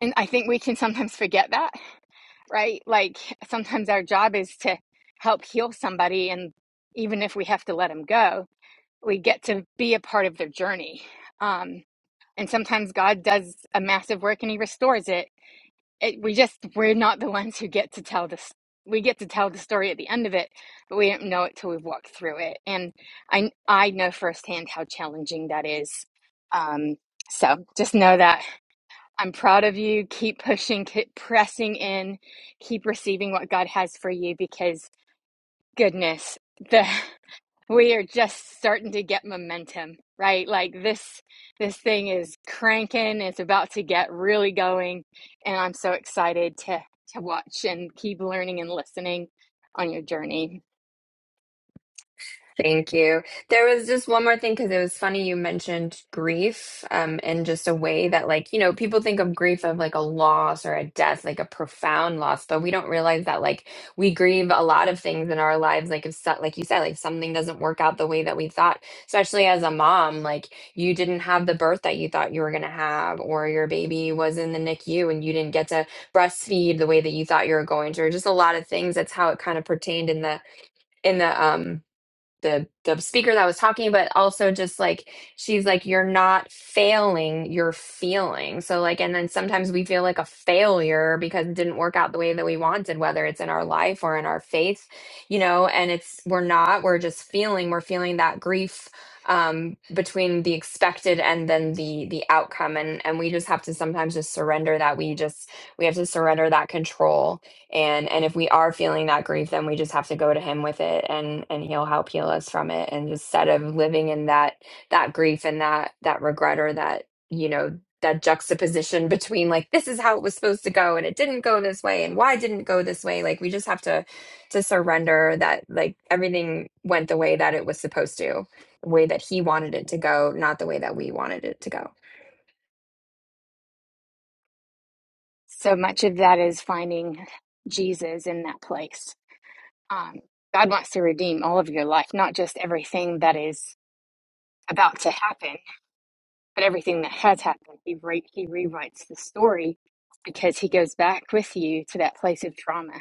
A: and i think we can sometimes forget that right like sometimes our job is to help heal somebody and even if we have to let them go we get to be a part of their journey um and sometimes god does a massive work and he restores it it, we just we're not the ones who get to tell this we get to tell the story at the end of it but we don't know it till we've walked through it and i i know firsthand how challenging that is um so just know that i'm proud of you keep pushing keep pressing in keep receiving what god has for you because goodness the we are just starting to get momentum right like this this thing is cranking it's about to get really going and i'm so excited to to watch and keep learning and listening on your journey
B: Thank you. There was just one more thing because it was funny you mentioned grief, um, in just a way that, like, you know, people think of grief of like a loss or a death, like a profound loss, but we don't realize that, like, we grieve a lot of things in our lives. Like, if, so- like you said, like something doesn't work out the way that we thought, especially as a mom, like, you didn't have the birth that you thought you were going to have, or your baby was in the NICU and you didn't get to breastfeed the way that you thought you were going to, or just a lot of things. That's how it kind of pertained in the, in the, um, the the speaker that was talking but also just like she's like you're not failing you're feeling so like and then sometimes we feel like a failure because it didn't work out the way that we wanted whether it's in our life or in our faith you know and it's we're not we're just feeling we're feeling that grief um between the expected and then the the outcome and and we just have to sometimes just surrender that we just we have to surrender that control and and if we are feeling that grief then we just have to go to him with it and and he'll help heal us from it and instead of living in that that grief and that that regret or that you know that juxtaposition between like this is how it was supposed to go and it didn't go this way and why didn't it go this way like we just have to to surrender that like everything went the way that it was supposed to the way that he wanted it to go, not the way that we wanted it to go.
A: so much of that is finding jesus in that place um, god wants to redeem all of your life not just everything that is about to happen but everything that has happened he, re- he rewrites the story because he goes back with you to that place of trauma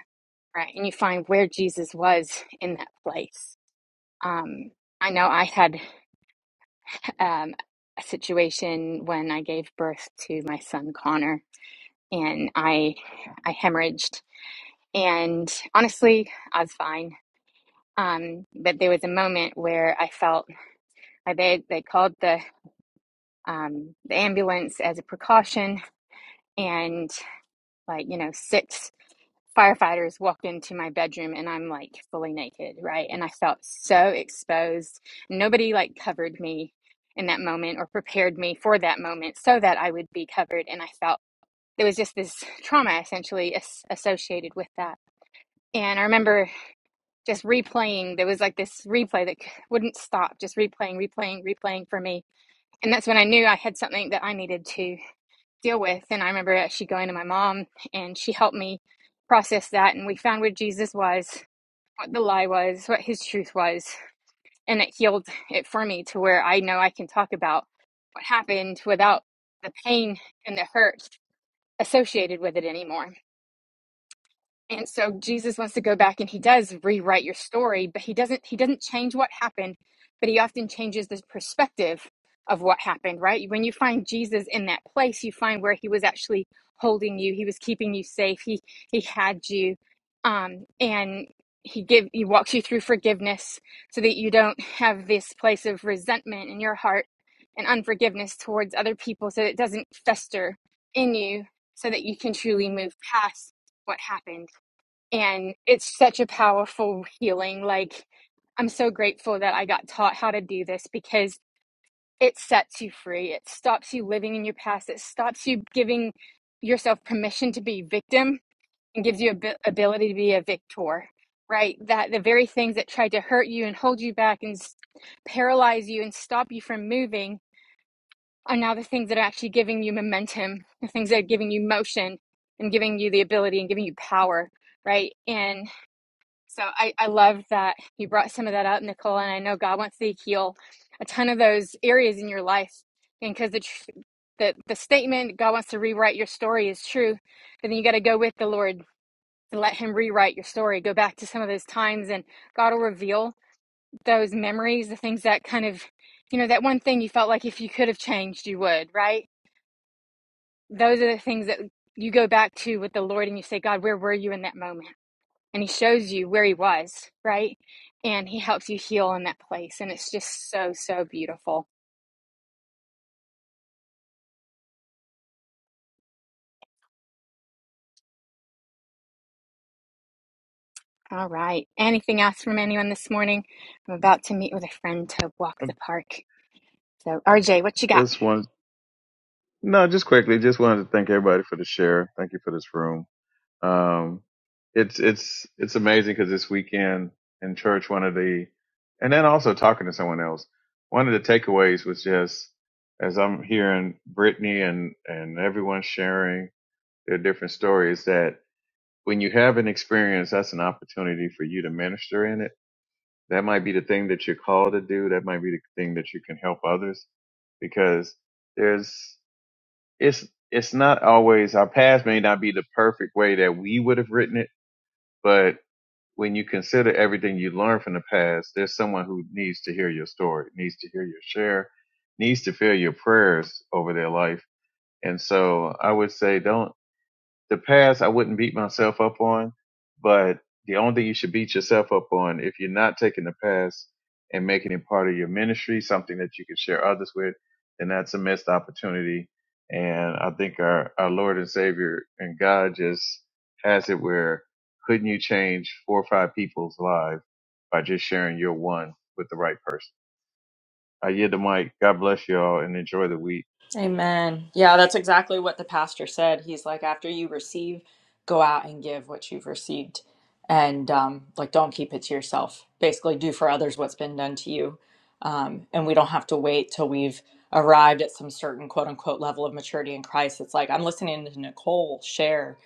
A: right and you find where jesus was in that place um i know i had um a situation when i gave birth to my son connor and i i hemorrhaged and honestly i was fine um but there was a moment where i felt I they they called the um the ambulance as a precaution and like you know six firefighters walked into my bedroom and I'm like fully naked, right? And I felt so exposed. Nobody like covered me in that moment or prepared me for that moment so that I would be covered. And I felt there was just this trauma essentially as- associated with that. And I remember just replaying, there was like this replay that wouldn't stop, just replaying, replaying, replaying for me. And that's when I knew I had something that I needed to deal with. And I remember actually going to my mom and she helped me process that. And we found where Jesus was, what the lie was, what his truth was. And it healed it for me to where I know I can talk about what happened without the pain and the hurt associated with it anymore. And so Jesus wants to go back and he does rewrite your story, but he doesn't he doesn't change what happened, but he often changes the perspective of what happened, right? When you find Jesus in that place, you find where he was actually holding you, he was keeping you safe, he he had you. Um and he give he walks you through forgiveness so that you don't have this place of resentment in your heart and unforgiveness towards other people so that it doesn't fester in you so that you can truly move past what happened and it's such a powerful healing like i'm so grateful that i got taught how to do this because it sets you free it stops you living in your past it stops you giving yourself permission to be victim and gives you a ability to be a victor right that the very things that tried to hurt you and hold you back and paralyze you and stop you from moving are now the things that are actually giving you momentum the things that are giving you motion and giving you the ability and giving you power right? And so I, I love that you brought some of that up, Nicole. And I know God wants to heal a ton of those areas in your life. And because the, tr- the, the statement, God wants to rewrite your story, is true. But then you got to go with the Lord to let Him rewrite your story. Go back to some of those times, and God will reveal those memories, the things that kind of, you know, that one thing you felt like if you could have changed, you would, right? Those are the things that you go back to with the Lord and you say, God, where were you in that moment? and he shows you where he was, right? And he helps you heal in that place. And it's just so, so beautiful. All right. Anything else from anyone this morning? I'm about to meet with a friend to walk
G: I
A: the park. So, RJ, what you got?
G: just wanted no, just quickly, just wanted to thank everybody for the share. Thank you for this room. Um, it's it's it's amazing because this weekend in church, one of the, and then also talking to someone else, one of the takeaways was just as I'm hearing Brittany and and everyone sharing their different stories that when you have an experience, that's an opportunity for you to minister in it. That might be the thing that you're called to do. That might be the thing that you can help others because there's it's it's not always our paths may not be the perfect way that we would have written it, but when you consider everything you learned from the past, there's someone who needs to hear your story, needs to hear your share, needs to feel your prayers over their life. And so I would say don't the past I wouldn't beat myself up on, but the only thing you should beat yourself up on if you're not taking the past and making it part of your ministry, something that you can share others with, then that's a missed opportunity. And I think our, our Lord and Savior and God just has it where couldn't you change four or five people's lives by just sharing your one with the right person? I yield the mic. God bless you all and enjoy the week.
E: Amen. Yeah, that's exactly what the pastor said. He's like, after you receive, go out and give what you've received, and um, like, don't keep it to yourself. Basically, do for others what's been done to you, um, and we don't have to wait till we've arrived at some certain quote unquote level of maturity in Christ. It's like I'm listening to Nicole share,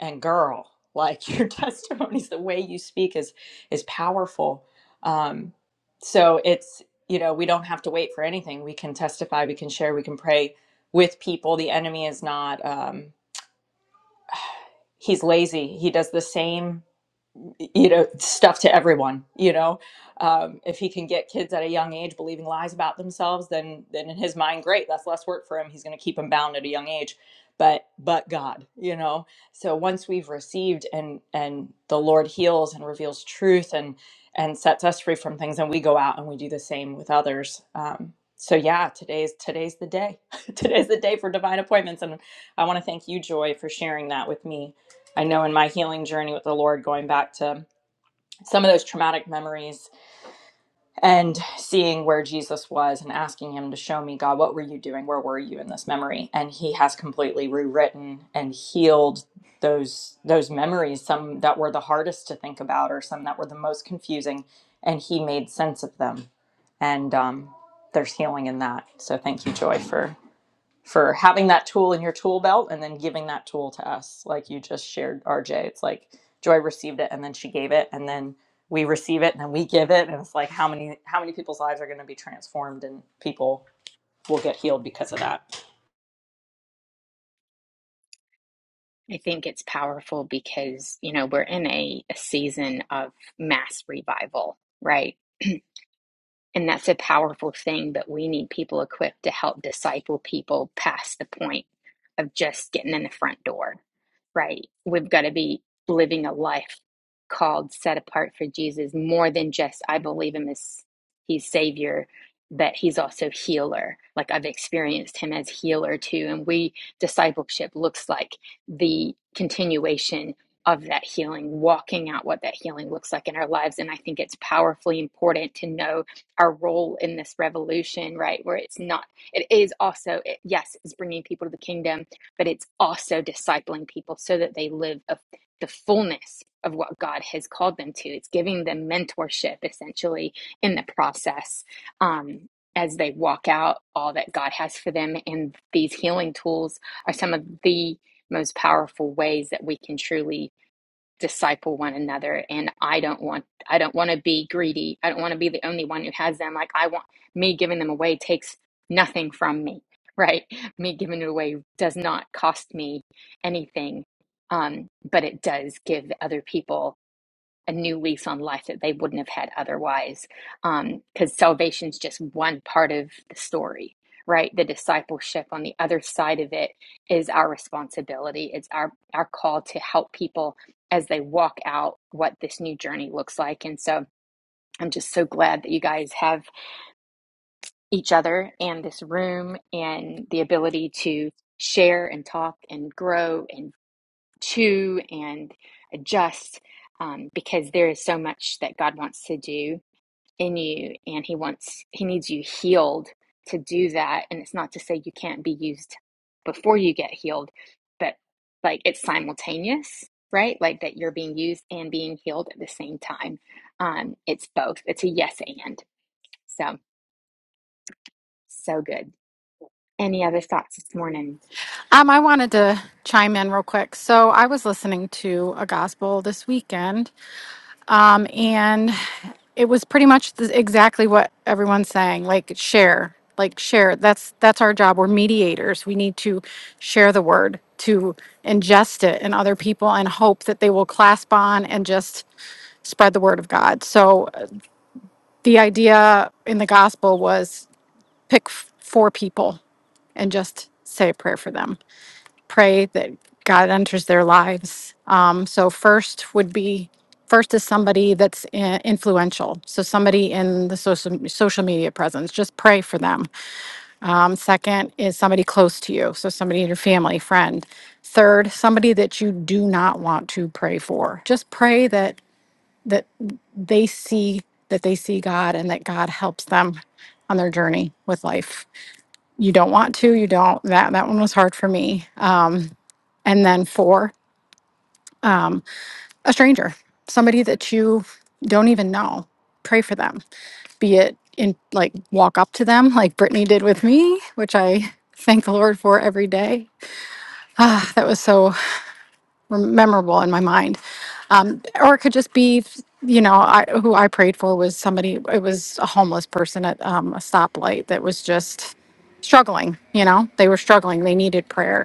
E: and girl, like your testimonies, the way you speak is is powerful. Um, so it's you know we don't have to wait for anything. We can testify, we can share, we can pray with people the enemy is not um he's lazy he does the same you know stuff to everyone you know um, if he can get kids at a young age believing lies about themselves then then in his mind great that's less work for him he's going to keep them bound at a young age but but god you know so once we've received and and the lord heals and reveals truth and and sets us free from things and we go out and we do the same with others um, so yeah today's today's the day today's the day for divine appointments and i want to thank you joy for sharing that with me i know in my healing journey with the lord going back to some of those traumatic memories and seeing where Jesus was and asking him to show me, God, what were you doing? Where were you in this memory? And he has completely rewritten and healed those those memories, some that were the hardest to think about or some that were the most confusing, and he made sense of them. And um, there's healing in that. So thank you, Joy, for for having that tool in your tool belt and then giving that tool to us like you just shared rj it's like joy received it and then she gave it and then we receive it and then we give it and it's like how many how many people's lives are going to be transformed and people will get healed because of that
A: I think it's powerful because, you know, we're in a, a season of mass revival, right? And that's a powerful thing, but we need people equipped to help disciple people past the point of just getting in the front door, right? We've got to be living a life called set apart for Jesus more than just, I believe him as he's Savior, but he's also healer. Like I've experienced him as healer too. And we, discipleship looks like the continuation of that healing, walking out what that healing looks like in our lives. And I think it's powerfully important to know our role in this revolution, right? Where it's not, it is also, it, yes, it's bringing people to the kingdom, but it's also discipling people so that they live of the fullness of what God has called them to. It's giving them mentorship essentially in the process um, as they walk out all that God has for them. And these healing tools are some of the most powerful ways that we can truly disciple one another and i don't want i don't want to be greedy i don't want to be the only one who has them like i want me giving them away takes nothing from me right me giving it away does not cost me anything um but it does give other people a new lease on life that they wouldn't have had otherwise. Um, Because salvation's just one part of the story, right? The discipleship on the other side of it is our responsibility. It's our our call to help people as they walk out what this new journey looks like. And so I'm just so glad that you guys have each other and this room and the ability to share and talk and grow and to and adjust um, because there is so much that God wants to do in you and he wants he needs you healed to do that and it's not to say you can't be used before you get healed but like it's simultaneous right like that you're being used and being healed at the same time um it's both it's a yes and so so good any other thoughts this morning
C: Um, I wanted to chime in real quick. So I was listening to a gospel this weekend, um, and it was pretty much the, exactly what everyone's saying. Like share, like share. That's that's our job. We're mediators. We need to share the word to ingest it in other people and hope that they will clasp on and just spread the word of God. So uh, the idea in the gospel was pick f- four people and just say a prayer for them pray that God enters their lives. Um, so, first would be first is somebody that's i- influential. So, somebody in the social, social media presence, just pray for them. Um, second is somebody close to you. So, somebody in your family, friend. Third, somebody that you do not want to pray for. Just pray that that they see that they see God and that God helps them on their journey with life. You don't want to, you don't. That that one was hard for me. Um, and then four um, a stranger, somebody that you don't even know. Pray for them, be it in like walk up to them, like Brittany did with me, which I thank the Lord for every day. That was so memorable in my mind. Um, or it could just be, you know, I, who I prayed for was somebody, it was a homeless person at um, a stoplight that was just struggling, you know, they were struggling, they needed prayer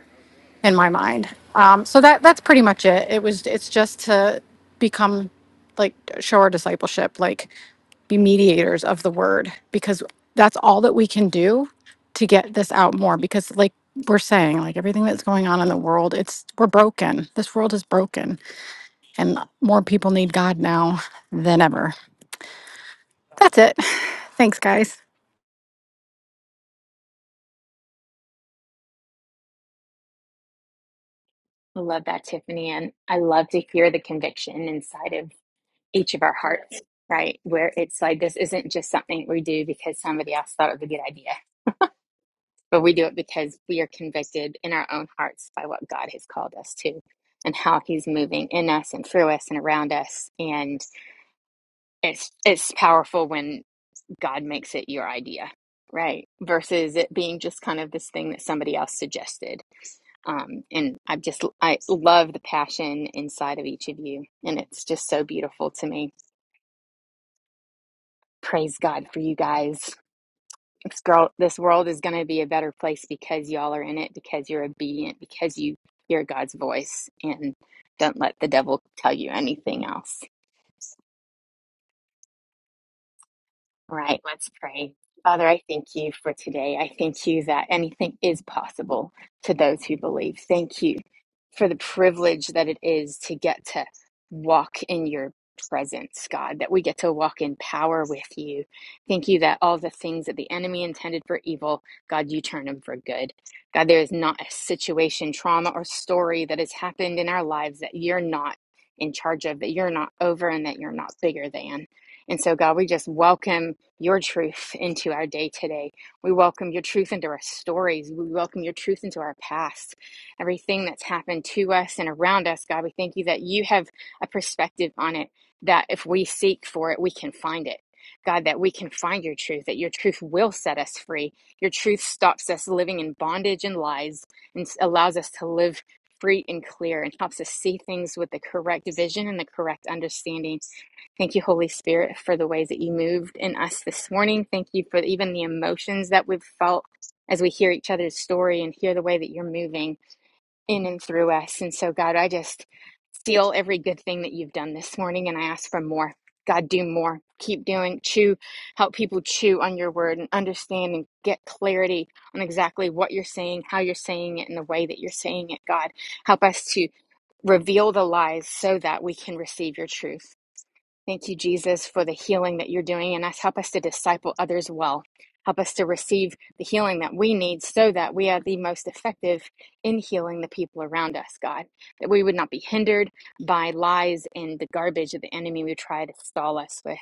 C: in my mind. Um, so that that's pretty much it. It was it's just to become like show our discipleship, like be mediators of the word, because that's all that we can do to get this out more. Because like we're saying, like everything that's going on in the world, it's we're broken. This world is broken, and more people need God now than ever. That's it. Thanks, guys.
A: i love that tiffany and i love to hear the conviction inside of each of our hearts, right? Where it's like, this isn't just something we do because somebody else thought it was a good idea, but we do it because we are convicted in our own hearts by what God has called us to and how he's moving in us and through us and around us. And it's, it's powerful when God makes it your idea, right? Versus it being just kind of this thing that somebody else suggested um, and I just I love the passion inside of each of you, and it's just so beautiful to me. Praise God for you guys. this girl this world is going to be a better place because y'all are in it because you're obedient because you hear god's voice and don't let the devil tell you anything else All right, let's pray. Father, I thank you for today. I thank you that anything is possible to those who believe. Thank you for the privilege that it is to get to walk in your presence, God, that we get to walk in power with you. Thank you that all the things that the enemy intended for evil, God, you turn them for good. God, there is not a situation, trauma, or story that has happened in our lives that you're not in charge of, that you're not over, and that you're not bigger than. And so, God, we just welcome your truth into our day today. We welcome your truth into our stories. We welcome your truth into our past. Everything that's happened to us and around us, God, we thank you that you have a perspective on it, that if we seek for it, we can find it. God, that we can find your truth, that your truth will set us free. Your truth stops us living in bondage and lies and allows us to live free and clear and helps us see things with the correct vision and the correct understanding. Thank you, Holy Spirit, for the ways that you moved in us this morning. Thank you for even the emotions that we've felt as we hear each other's story and hear the way that you're moving in and through us. And so, God, I just seal every good thing that you've done this morning and I ask for more. God, do more. Keep doing, chew, help people chew on your word and understand and get clarity on exactly what you're saying, how you're saying it, and the way that you're saying it, God. Help us to reveal the lies so that we can receive your truth. Thank you, Jesus, for the healing that you're doing in us. Help us to disciple others well. Help us to receive the healing that we need so that we are the most effective in healing the people around us, God. That we would not be hindered by lies and the garbage of the enemy would try to stall us with.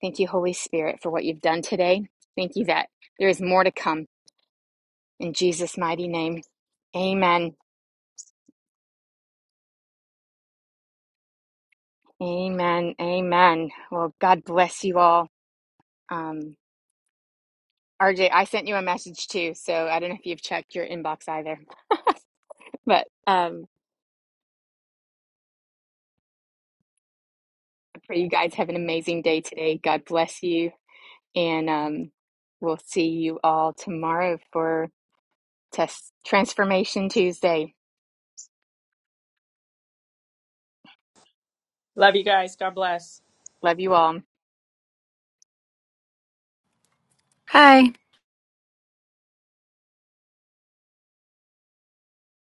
A: Thank you, Holy Spirit, for what you've done today. Thank you that there is more to come. In Jesus' mighty name, amen. Amen. Amen. Well, God bless you all. Um, RJ, I sent you a message too, so I don't know if you've checked your inbox either. But um, I pray you guys have an amazing day today. God bless you, and um, we'll see you all tomorrow for Test Transformation Tuesday.
E: love you guys god bless
A: Love you all.
C: Hi.